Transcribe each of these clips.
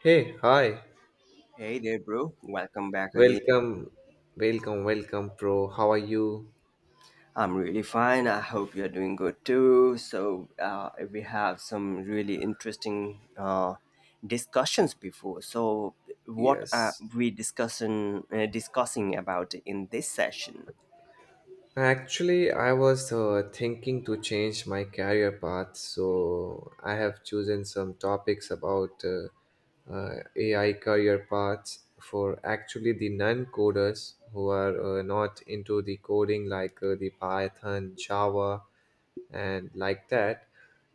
Hey, hi. Hey there, bro. Welcome back again. Welcome, welcome, welcome, bro. How are you? I'm really fine. I hope you're doing good too. So, we have some really interesting discussions before. So, what are Yes. we discussing about in this session? Actually, I was thinking to change my career path, so I have chosen some topics about AI career paths for actually the non-coders who are not into the coding, like the Python, Java, and like that.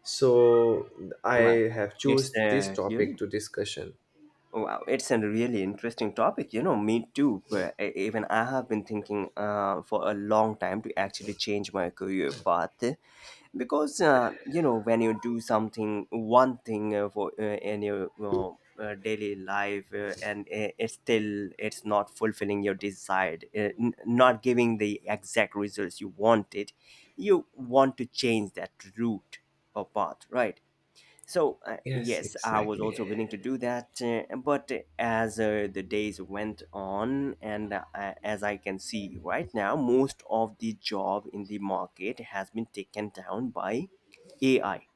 So I Wow, have it's choose this uh, you topic know, to discussion. wow, it's a really interesting topic. You know, me too. But even I have been thinking for a long time to actually change my career path, because you know, when you do something, one thing for in your daily life, and it's still, it's not fulfilling your desired, not giving the exact results you wanted. You want to change that route or path, right? So, Yes, yes, I was exactly. also willing to do that. But as the days went on, and as I can see right now, most of the job in the market has been taken down by AI,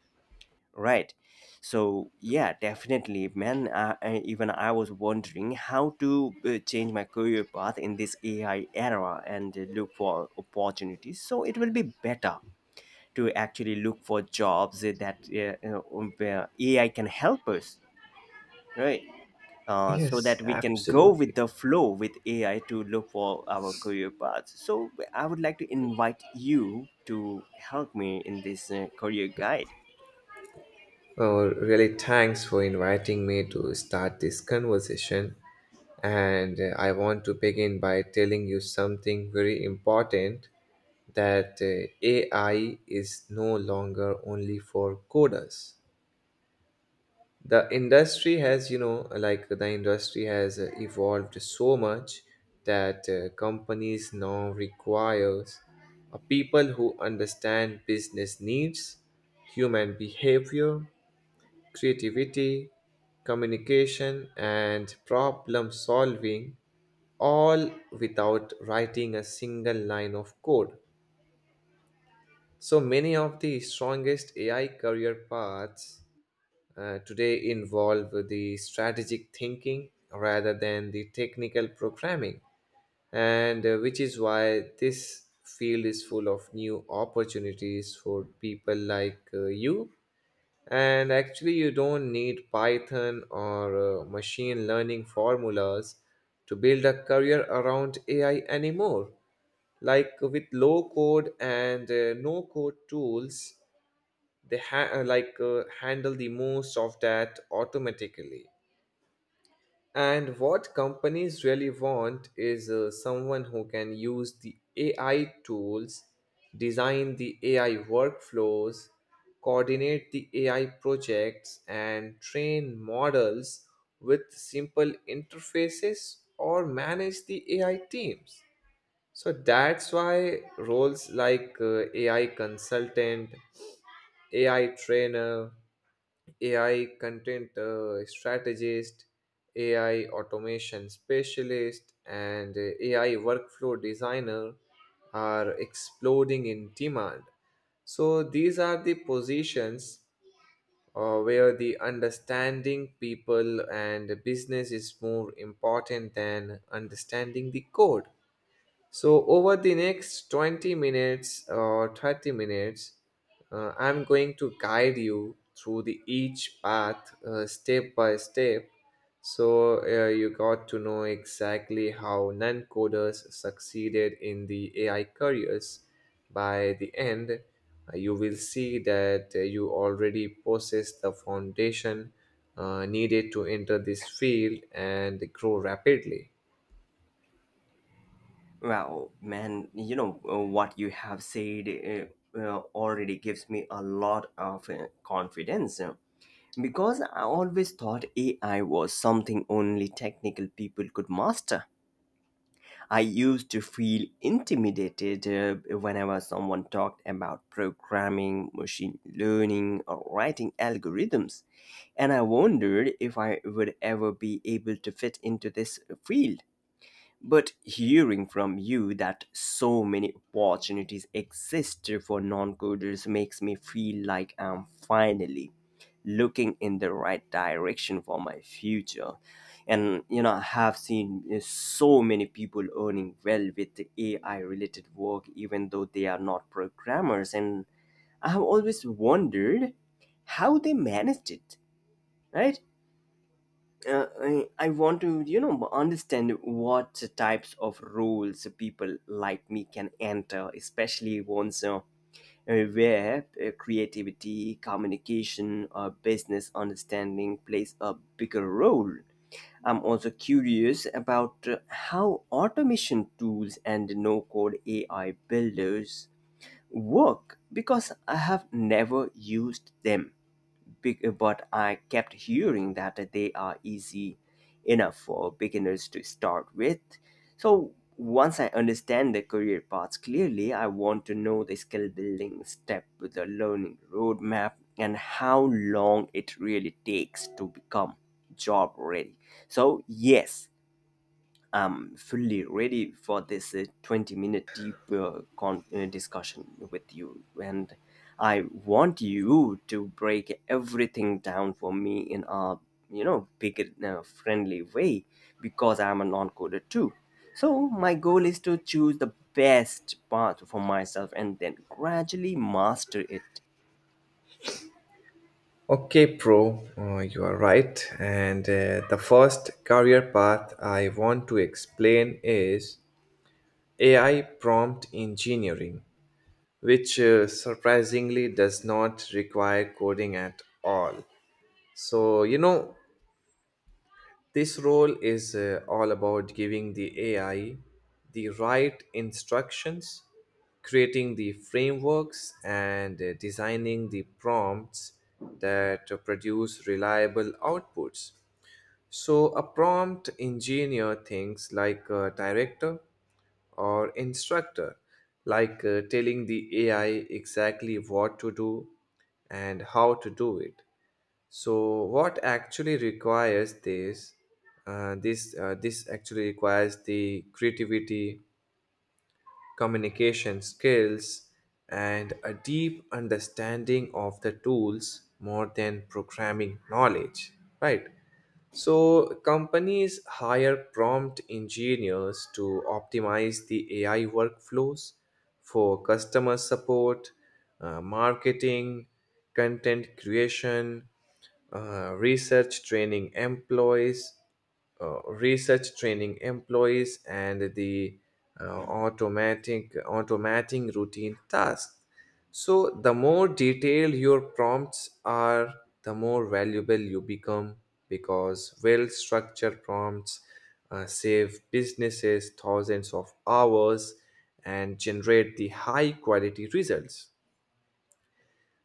right? So, yeah, definitely, man. Even I was wondering how to change my career path in this AI era and look for opportunities. So it will be better to actually look for jobs that where AI can help us, right? So Yes, that we can go with absolutely. the flow with AI to look for our career paths. So I would like to invite you to help me in this career guide. Well, really, thanks for inviting me to start this conversation. And I want to begin by telling you something very important, that AI is no longer only for coders. The industry has you know like the industry has evolved so much that companies now requires a people who understand business needs, human behavior, creativity, communication, and problem solving, all without writing a single line of code. So many of the strongest AI career paths, today, involve the strategic thinking rather than the technical programming. And, which is why this field is full of new opportunities for people like, you. And actually, you don't need Python or machine learning formulas to build a career around AI anymore. Like, with low code and no code tools, they ha- like handle the most of that automatically. And what companies really want is someone who can use the AI tools, design the AI workflows, coordinate the AI projects and train models with simple interfaces, or manage the AI teams. So that's why roles like AI consultant, AI trainer, AI content strategist, AI automation specialist, and AI workflow designer are exploding in demand. So these are the positions where the understanding people and business is more important than understanding the code. So, over the next 20 minutes or 30 minutes, I'm going to guide you through the each path step by step. So, you got to know exactly how non coders succeeded in the AI careers. By the end, you will see that you already possess the foundation needed to enter this field and grow rapidly. Wow, man, you know, what you have said already gives me a lot of confidence, because I always thought AI was something only technical people could master. I used to feel intimidated whenever someone talked about programming, machine learning, or writing algorithms, and I wondered if I would ever be able to fit into this field. But hearing from you that so many opportunities exist for non coders makes me feel like I'm finally looking in the right direction for my future. And you know, I have seen so many people earning well with AI related work, even though they are not programmers. And I have always wondered how they managed it, right? I want to, you know, understand what types of roles people like me can enter, especially ones where creativity, communication, or business understanding plays a bigger role. I'm also curious about how automation tools and no code AI builders work, because I have never used them big, but I kept hearing that they are easy enough for beginners to start with. So once I understand the career paths clearly, I want to know the skill building step, the learning roadmap, and how long it really takes to become job ready. So, yes, I'm fully ready for this 20-minute deep discussion with you. And I want you to break everything down for me in a, you know, big, friendly way, because I'm a non coder too. So my goal is to choose the best path for myself and then gradually master it. Okay, Pro, you are right. And the first career path I want to explain is AI prompt engineering, which surprisingly does not require coding at all. So, you know, this role is all about giving the AI the right instructions, creating the frameworks, and designing the prompts that produce reliable outputs. So, a prompt engineer thinks like a director or instructor, like telling the AI exactly what to do and how to do it. So, what actually requires this? This actually requires the creativity, communication skills, and a deep understanding of the tools more than programming knowledge, right? So, companies hire prompt engineers to optimize the AI workflows for customer support, marketing, content creation, uh, research training employees, research training employees, and the automatic automating routine tasks. So the more detailed your prompts are, the more valuable you become, because well structured prompts save businesses thousands of hours and generate the high quality results.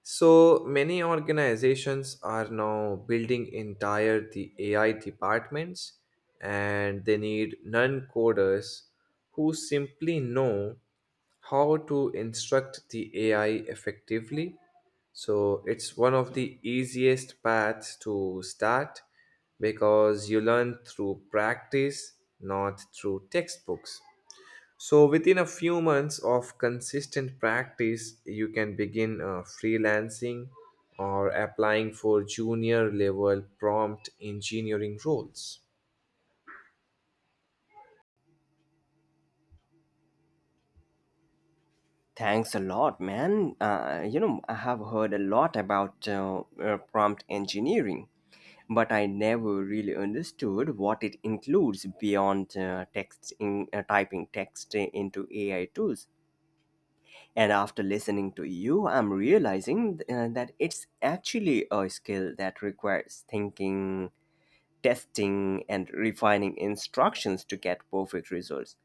So many organizations are now building entire the AI departments, and they need non-coders who simply know how to instruct the AI effectively. So it's one of the easiest paths to start, because you learn through practice, not through textbooks. So, within a few months of consistent practice, you can begin freelancing or applying for junior level prompt engineering roles. Thanks a lot, man. You know, I have heard a lot about prompt engineering, but I never really understood what it includes beyond text in, typing text into AI tools. And after listening to you, I'm realizing that it's actually a skill that requires thinking, testing, and refining instructions to get perfect results.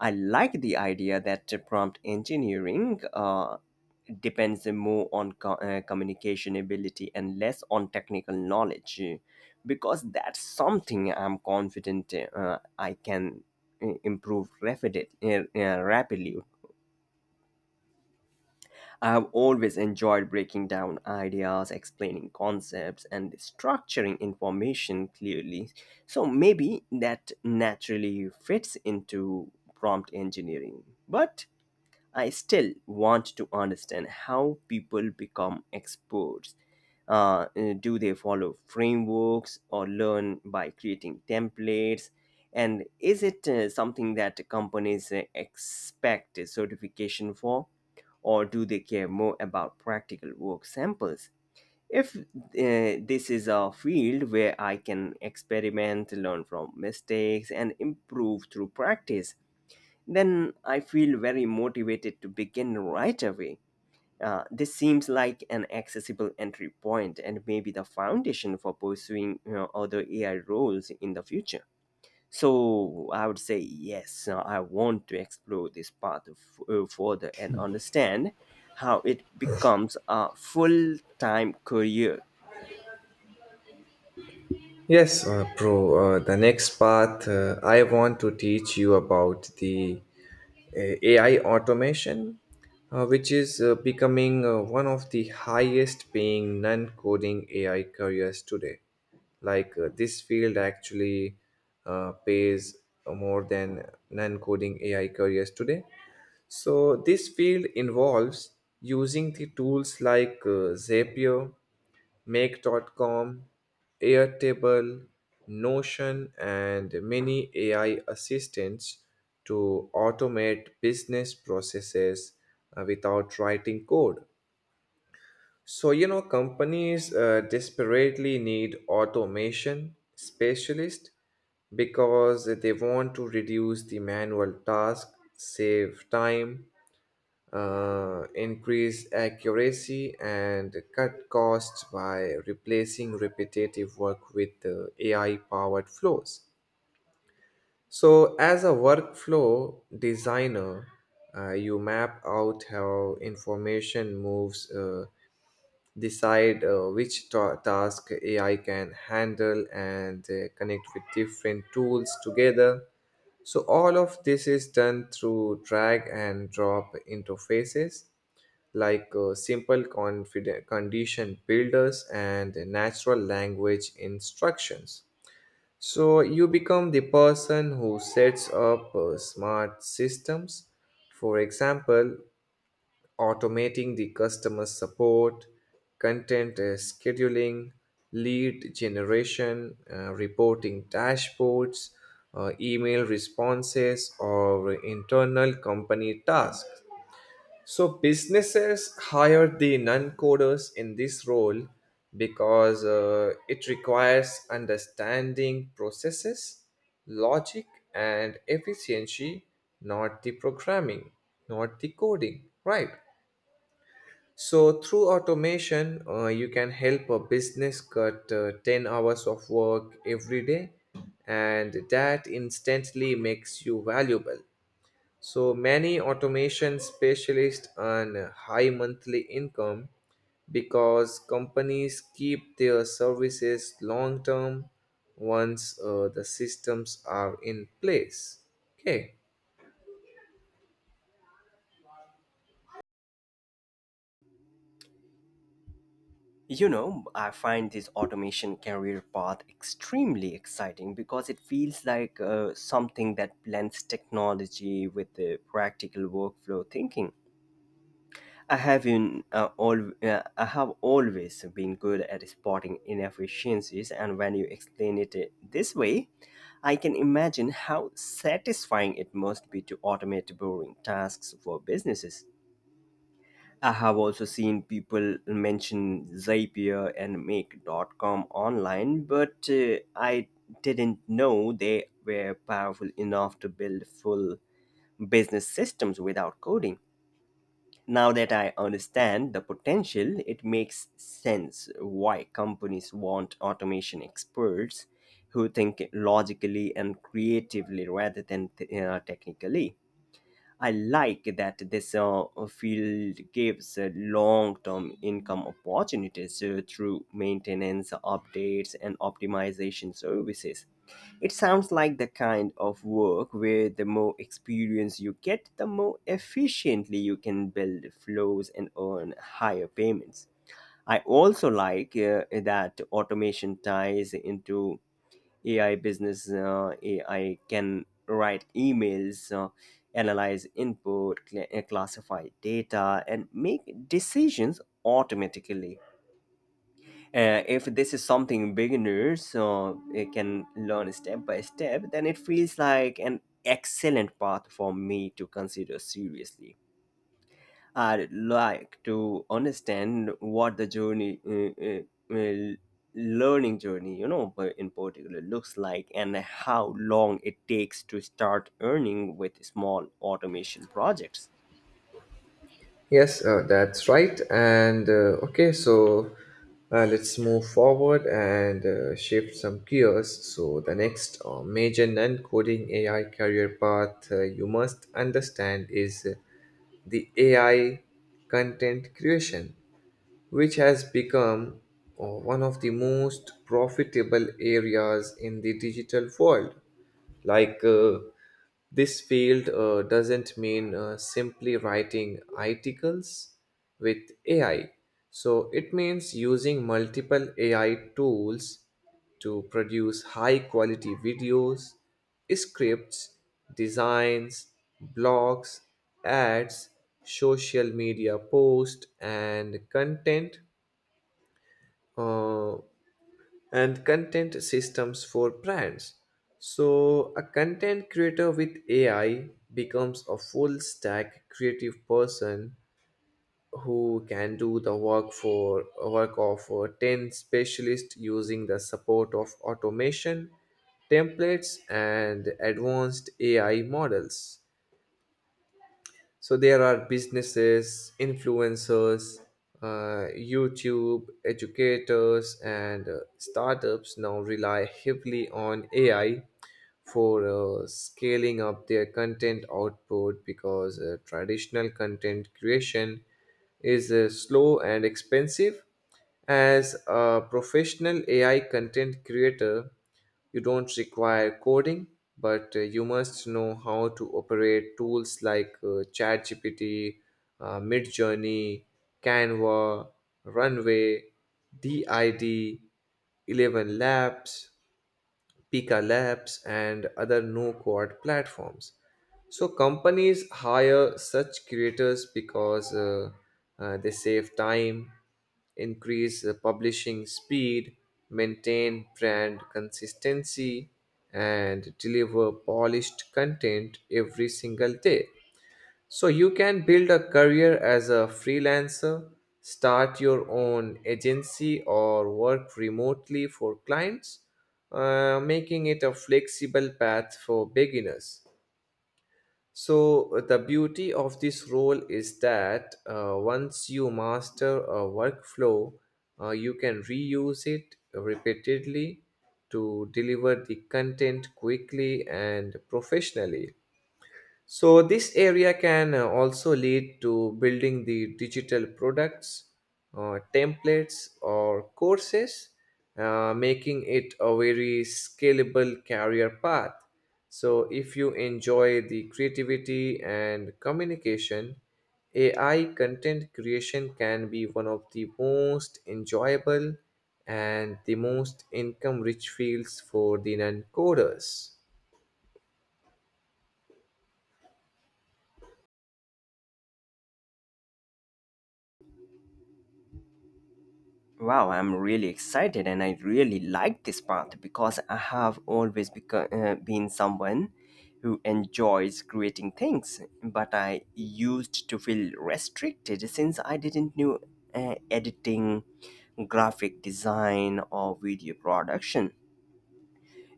I like the idea that prompt engineering depends more on communication ability and less on technical knowledge, because that's something I'm confident I can improve rapidly. I have always enjoyed breaking down ideas, explaining concepts, and structuring information clearly, so maybe that naturally fits into prompt engineering. But I still want to understand how people become experts. Do they follow frameworks or learn by creating templates? And is it something that companies expect a certification for? Or do they care more about practical work samples? If this is a field where I can experiment, learn from mistakes, and improve through practice, then I feel very motivated to begin right away. This seems like an accessible entry point and maybe the foundation for pursuing, you know, other AI roles in the future. So I would say yes, I want to explore this path further and understand how it becomes a full time career. Yes, bro, the next path I want to teach you about the AI automation, which is becoming one of the highest paying non coding AI careers today. Like this field actually pays more than non coding AI careers today. So, this field involves using the tools like Zapier, Make dot com, Airtable, Notion, and many AI assistants to automate business processes without writing code. So, you know, companies desperately need automation specialists because they want to reduce the manual task, save time, increase accuracy and cut costs by replacing repetitive work with AI powered flows. So, as a workflow designer, you map out how information moves, decide which task AI can handle, and connect with different tools together. So all of this is done through drag and drop interfaces, like simple confident condition builders and natural language instructions. So you become the person who sets up smart systems, for example, automating the customer support, content scheduling, lead generation, reporting dashboards, email responses, or internal company tasks. So businesses hire the non-coders in this role because it requires understanding processes, logic, and efficiency, not the programming, not the coding, right? So through automation, you can help a business cut 10 hours of work every day, and that instantly makes you valuable. So many automation specialists earn a high monthly income, because companies keep their services long term once the systems are in place. Okay. You know, I find this automation career path extremely exciting because it feels like something that blends technology with the practical workflow thinking. I have always been good at spotting inefficiencies, and when you explain it this way, I can imagine how satisfying it must be to automate boring tasks for businesses. I have also seen people mention Zapier and Make.com online, but I didn't know they were powerful enough to build full business systems without coding. Now that I understand the potential, it makes sense why companies want automation experts who think logically and creatively rather than technically. I like that this field gives long-term income opportunities through maintenance, updates, and optimization services. It sounds like the kind of work where the more experience you get, the more efficiently you can build flows and earn higher payments. I also like that automation ties into AI business. AI can write emails, analyze input, classify data, and make decisions automatically. If this is something beginners it can learn step by step, then it feels like an excellent path for me to consider seriously. I'd like to understand what the learning journey, you know, but in particular looks like and how long it takes to start earning with small automation projects. Yes, that's right. And okay, so let's move forward and shift some gears. So, the next major non coding AI career path you must understand is the AI content creation, which has become one of the most profitable areas in the digital world. Like this field doesn't mean simply writing articles with AI. So it means using multiple AI tools to produce high quality videos, scripts, designs, blogs, ads, social media posts, uh, and content systems for brands. So, a content creator with AI becomes a full stack creative person who can do the work of 10 specialists using the support of automation templates and advanced AI models. So there are businesses, influencers, YouTube, educators, and startups now rely heavily on AI for scaling up their content output, because traditional content creation is slow and expensive. As a professional AI content creator, you don't require coding, but you must know how to operate tools like ChatGPT, Midjourney, Canva, Runway, DID, 11 Labs, Pika Labs, and other no code platforms. So companies hire such creators because they save time, increase publishing speed, maintain brand consistency, and deliver polished content every single day. So you can build a career as a freelancer, start your own agency, or work remotely for clients, making it a flexible path for beginners. So the beauty of this role is that once you master a workflow, you can reuse it repeatedly to deliver the content quickly and professionally. So, this area can also lead to building the digital products, templates, or courses, making it a very scalable career path. So, if you enjoy the creativity and communication, AI content creation can be one of the most enjoyable and the most income rich fields for the non coders. Wow, I'm really excited and I really like this path because I have always been someone who enjoys creating things, but I used to feel restricted since I didn't know editing, graphic design, or video production.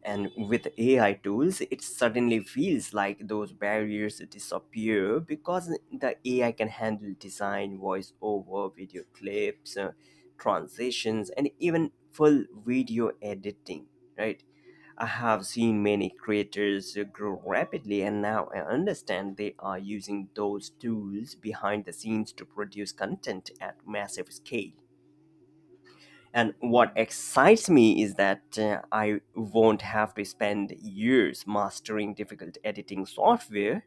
And with AI tools, it suddenly feels like those barriers disappear because the AI can handle design, voiceover, video clips, transitions, and even full video editing, right? I have seen many creators grow rapidly, and now I understand they are using those tools behind the scenes to produce content at massive scale. And what excites me is that I won't have to spend years mastering difficult editing software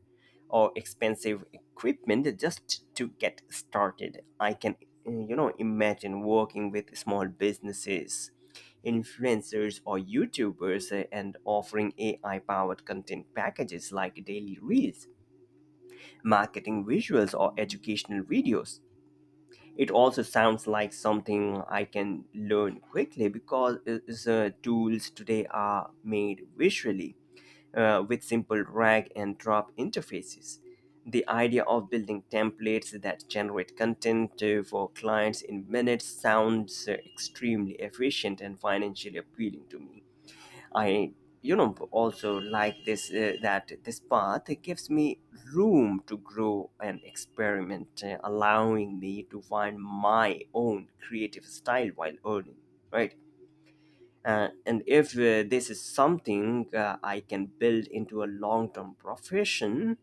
or expensive equipment just to get started. I can, you know, imagine working with small businesses, influencers, or YouTubers and offering AI powered content packages like daily reels, marketing visuals, or educational videos. It also sounds like something I can learn quickly because it's, tools today are made visually with simple drag and drop interfaces. The idea of building templates that generate content for clients in minutes sounds extremely efficient and financially appealing to me. I, you know, also like this, that this path gives me room to grow and experiment, allowing me to find my own creative style while earning, right? And if this is something I can build into a long term profession,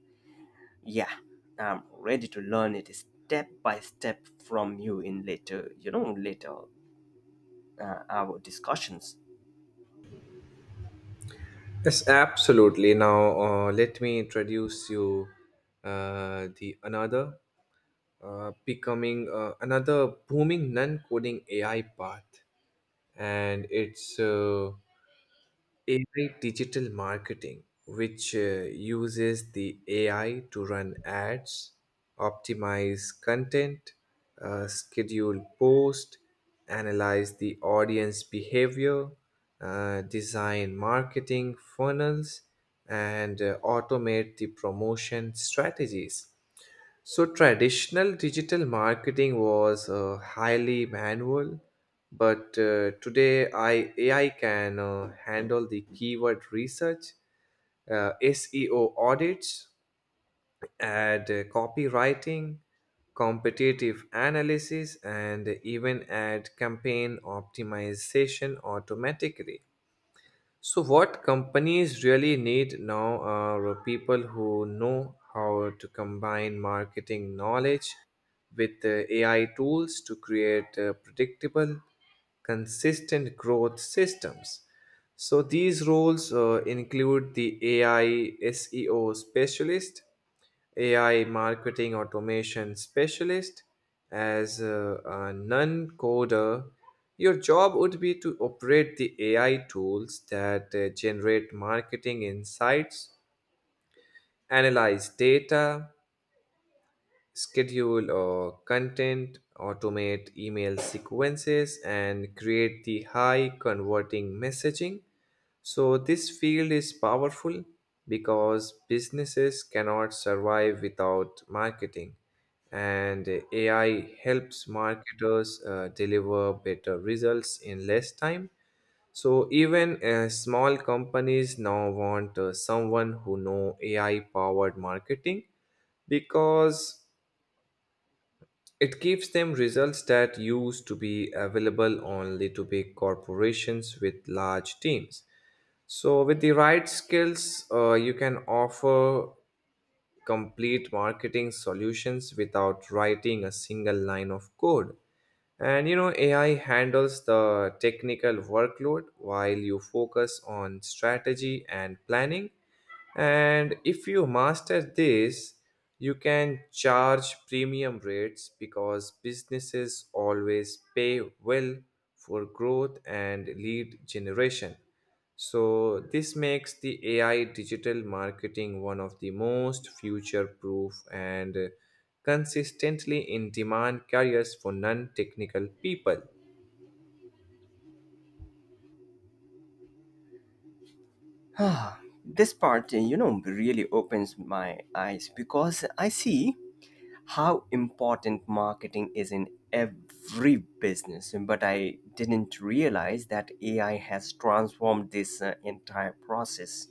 yeah, I'm ready to learn it step by step from you in later, you know, later our discussions. Yes, absolutely. Now, let me introduce you the another, becoming, another booming non-coding AI path, and it's AI digital marketing, which uses the AI to run ads, optimize content, schedule posts, analyze the audience behavior, design marketing funnels, and automate the promotion strategies. So, traditional digital marketing was highly manual, but today AI can handle the keyword research, SEO audits, and copywriting, competitive analysis, and even ad campaign optimization automatically. So, what companies really need now are people who know how to combine marketing knowledge with AI tools to create predictable, consistent growth systems. So, these roles include the AI SEO specialist, AI marketing automation specialist. As a non coder, your job would be to operate the AI tools that generate marketing insights, analyze data, schedule or content, automate email sequences, and create the high converting messaging. So, this field is powerful because businesses cannot survive without marketing, and AI helps marketers deliver better results in less time. So, even small companies now want someone who know AI powered marketing, because it gives them results that used to be available only to big corporations with large teams. So, with the right skills, you can offer complete marketing solutions without writing a single line of code. And you know, AI handles the technical workload while you focus on strategy and planning. And if you master this, you can charge premium rates because businesses always pay well for growth and lead generation. So, this makes the AI digital marketing one of the most future proof and consistently in demand careers for non technical people. Ah, this part, you know, really opens my eyes because I see how important marketing is in every business. But I didn't realize that AI has transformed this entire process.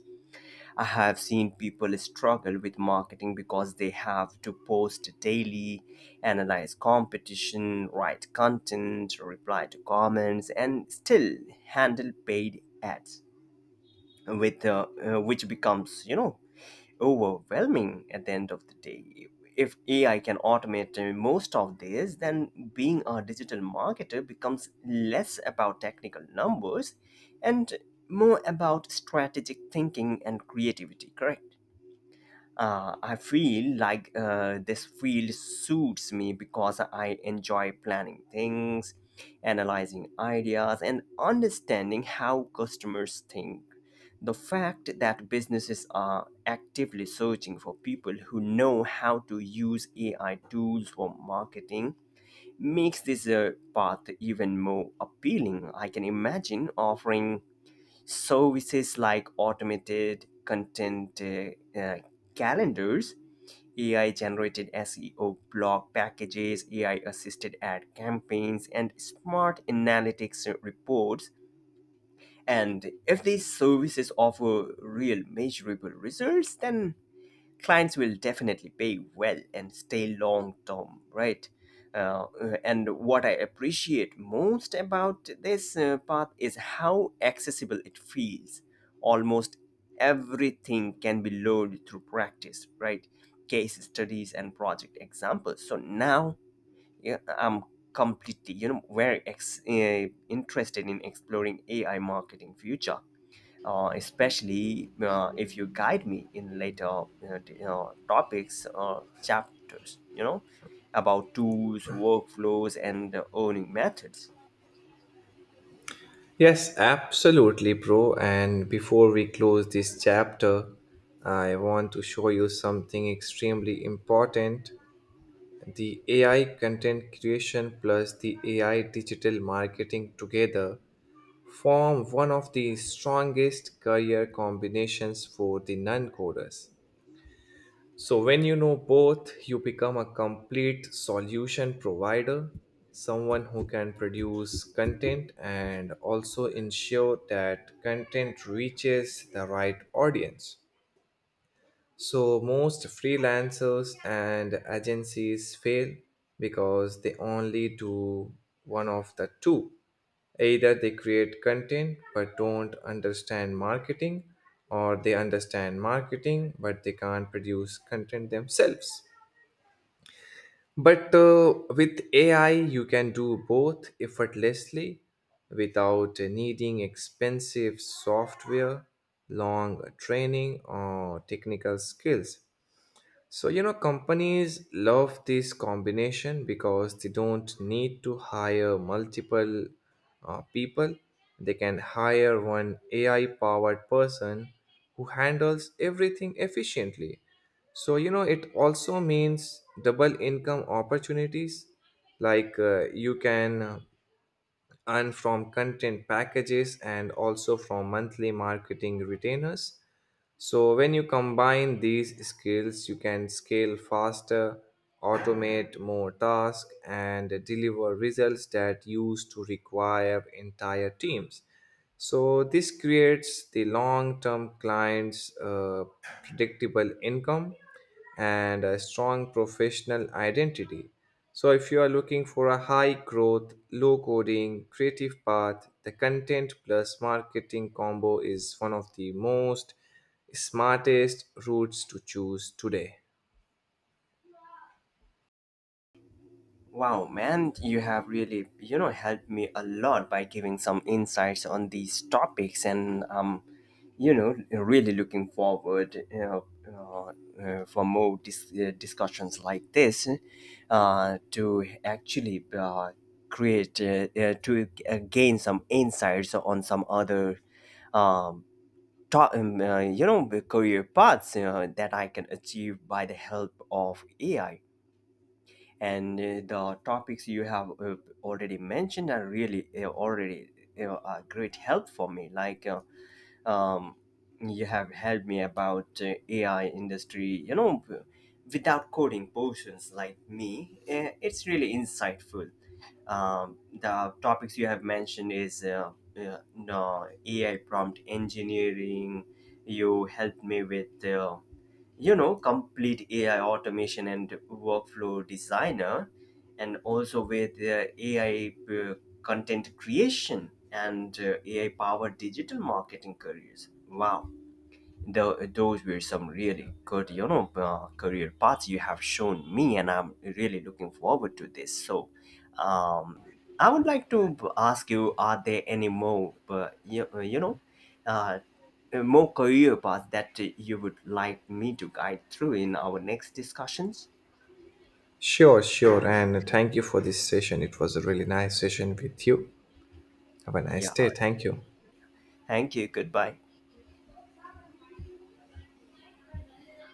I have seen people struggle with marketing because they have to post daily, analyze competition, write content, reply to comments, and still handle paid ads with which becomes, you know, overwhelming at the end of the day. If AI can automate most of this, then being a digital marketer becomes less about technical numbers and more about strategic thinking and creativity, correct? I feel like this field suits me because I enjoy planning things, analyzing ideas, and understanding how customers think. The fact that businesses are actively searching for people who know how to use AI tools for marketing makes this path even more appealing. I can imagine offering services like automated content calendars, AI generated SEO blog packages, AI assisted ad campaigns, and smart analytics reports. And if these services offer real measurable results, then clients will definitely pay well and stay long term, right? And what I appreciate most about this path is how accessible it feels. Almost everything can be learned through practice, right? Case studies and project examples. So now, yeah, I'm completely, you know, very interested in exploring AI marketing future, especially if you guide me in later topics or chapters, you know, about tools, workflows, and earning methods. Yes, absolutely, bro. And before we close this chapter, I want to show you something extremely important: the AI content creation plus the AI digital marketing together form one of the strongest career combinations for the non coders. So, when you know both, you become a complete solution provider, someone who can produce content and also ensure that content reaches the right audience. So, most freelancers and agencies fail because they only do one of the two. Either they create content but don't understand marketing, or they understand marketing but they can't produce content themselves. But with AI, you can do both effortlessly without needing expensive software, long training, or technical skills. So, you know, companies love this combination because they don't need to hire multiple people. They can hire one AI powered person who handles everything efficiently. So, you know, it also means double income opportunities. Like you can earn from content packages and also from monthly marketing retainers. So, when you combine these skills, you can scale faster, automate more tasks, and deliver results that used to require entire teams. So this creates the long-term client's predictable income and a strong professional identity. So if you are looking for a high growth, low coding, creative path, the content plus marketing combo is one of the most smartest routes to choose today. Wow, man, you have really, you know, helped me a lot by giving some insights on these topics, and you know, really looking forward, you know, for more discussions like this, to actually to gain some insights on some other um, you know, career paths that I can achieve by the help of AI. And the topics you have already mentioned are really already a great help for me, like um, you have helped me about AI industry, you know, without coding portions like me. It's really insightful. The topics you have mentioned is no, AI prompt engineering. You helped me with you know, complete AI automation and workflow designer, and also with ai content creation and AI powered digital marketing careers. Wow, the those were some really good, you know, career paths you have shown me, and I'm really looking forward to this. So, um I would like to ask you, are there any more you know uh, more career path that you would like me to guide through in our next discussions. Sure, sure. And thank you for this session. It was a really nice session with you. Have a nice Yeah. day. Thank you. Thank you. Goodbye.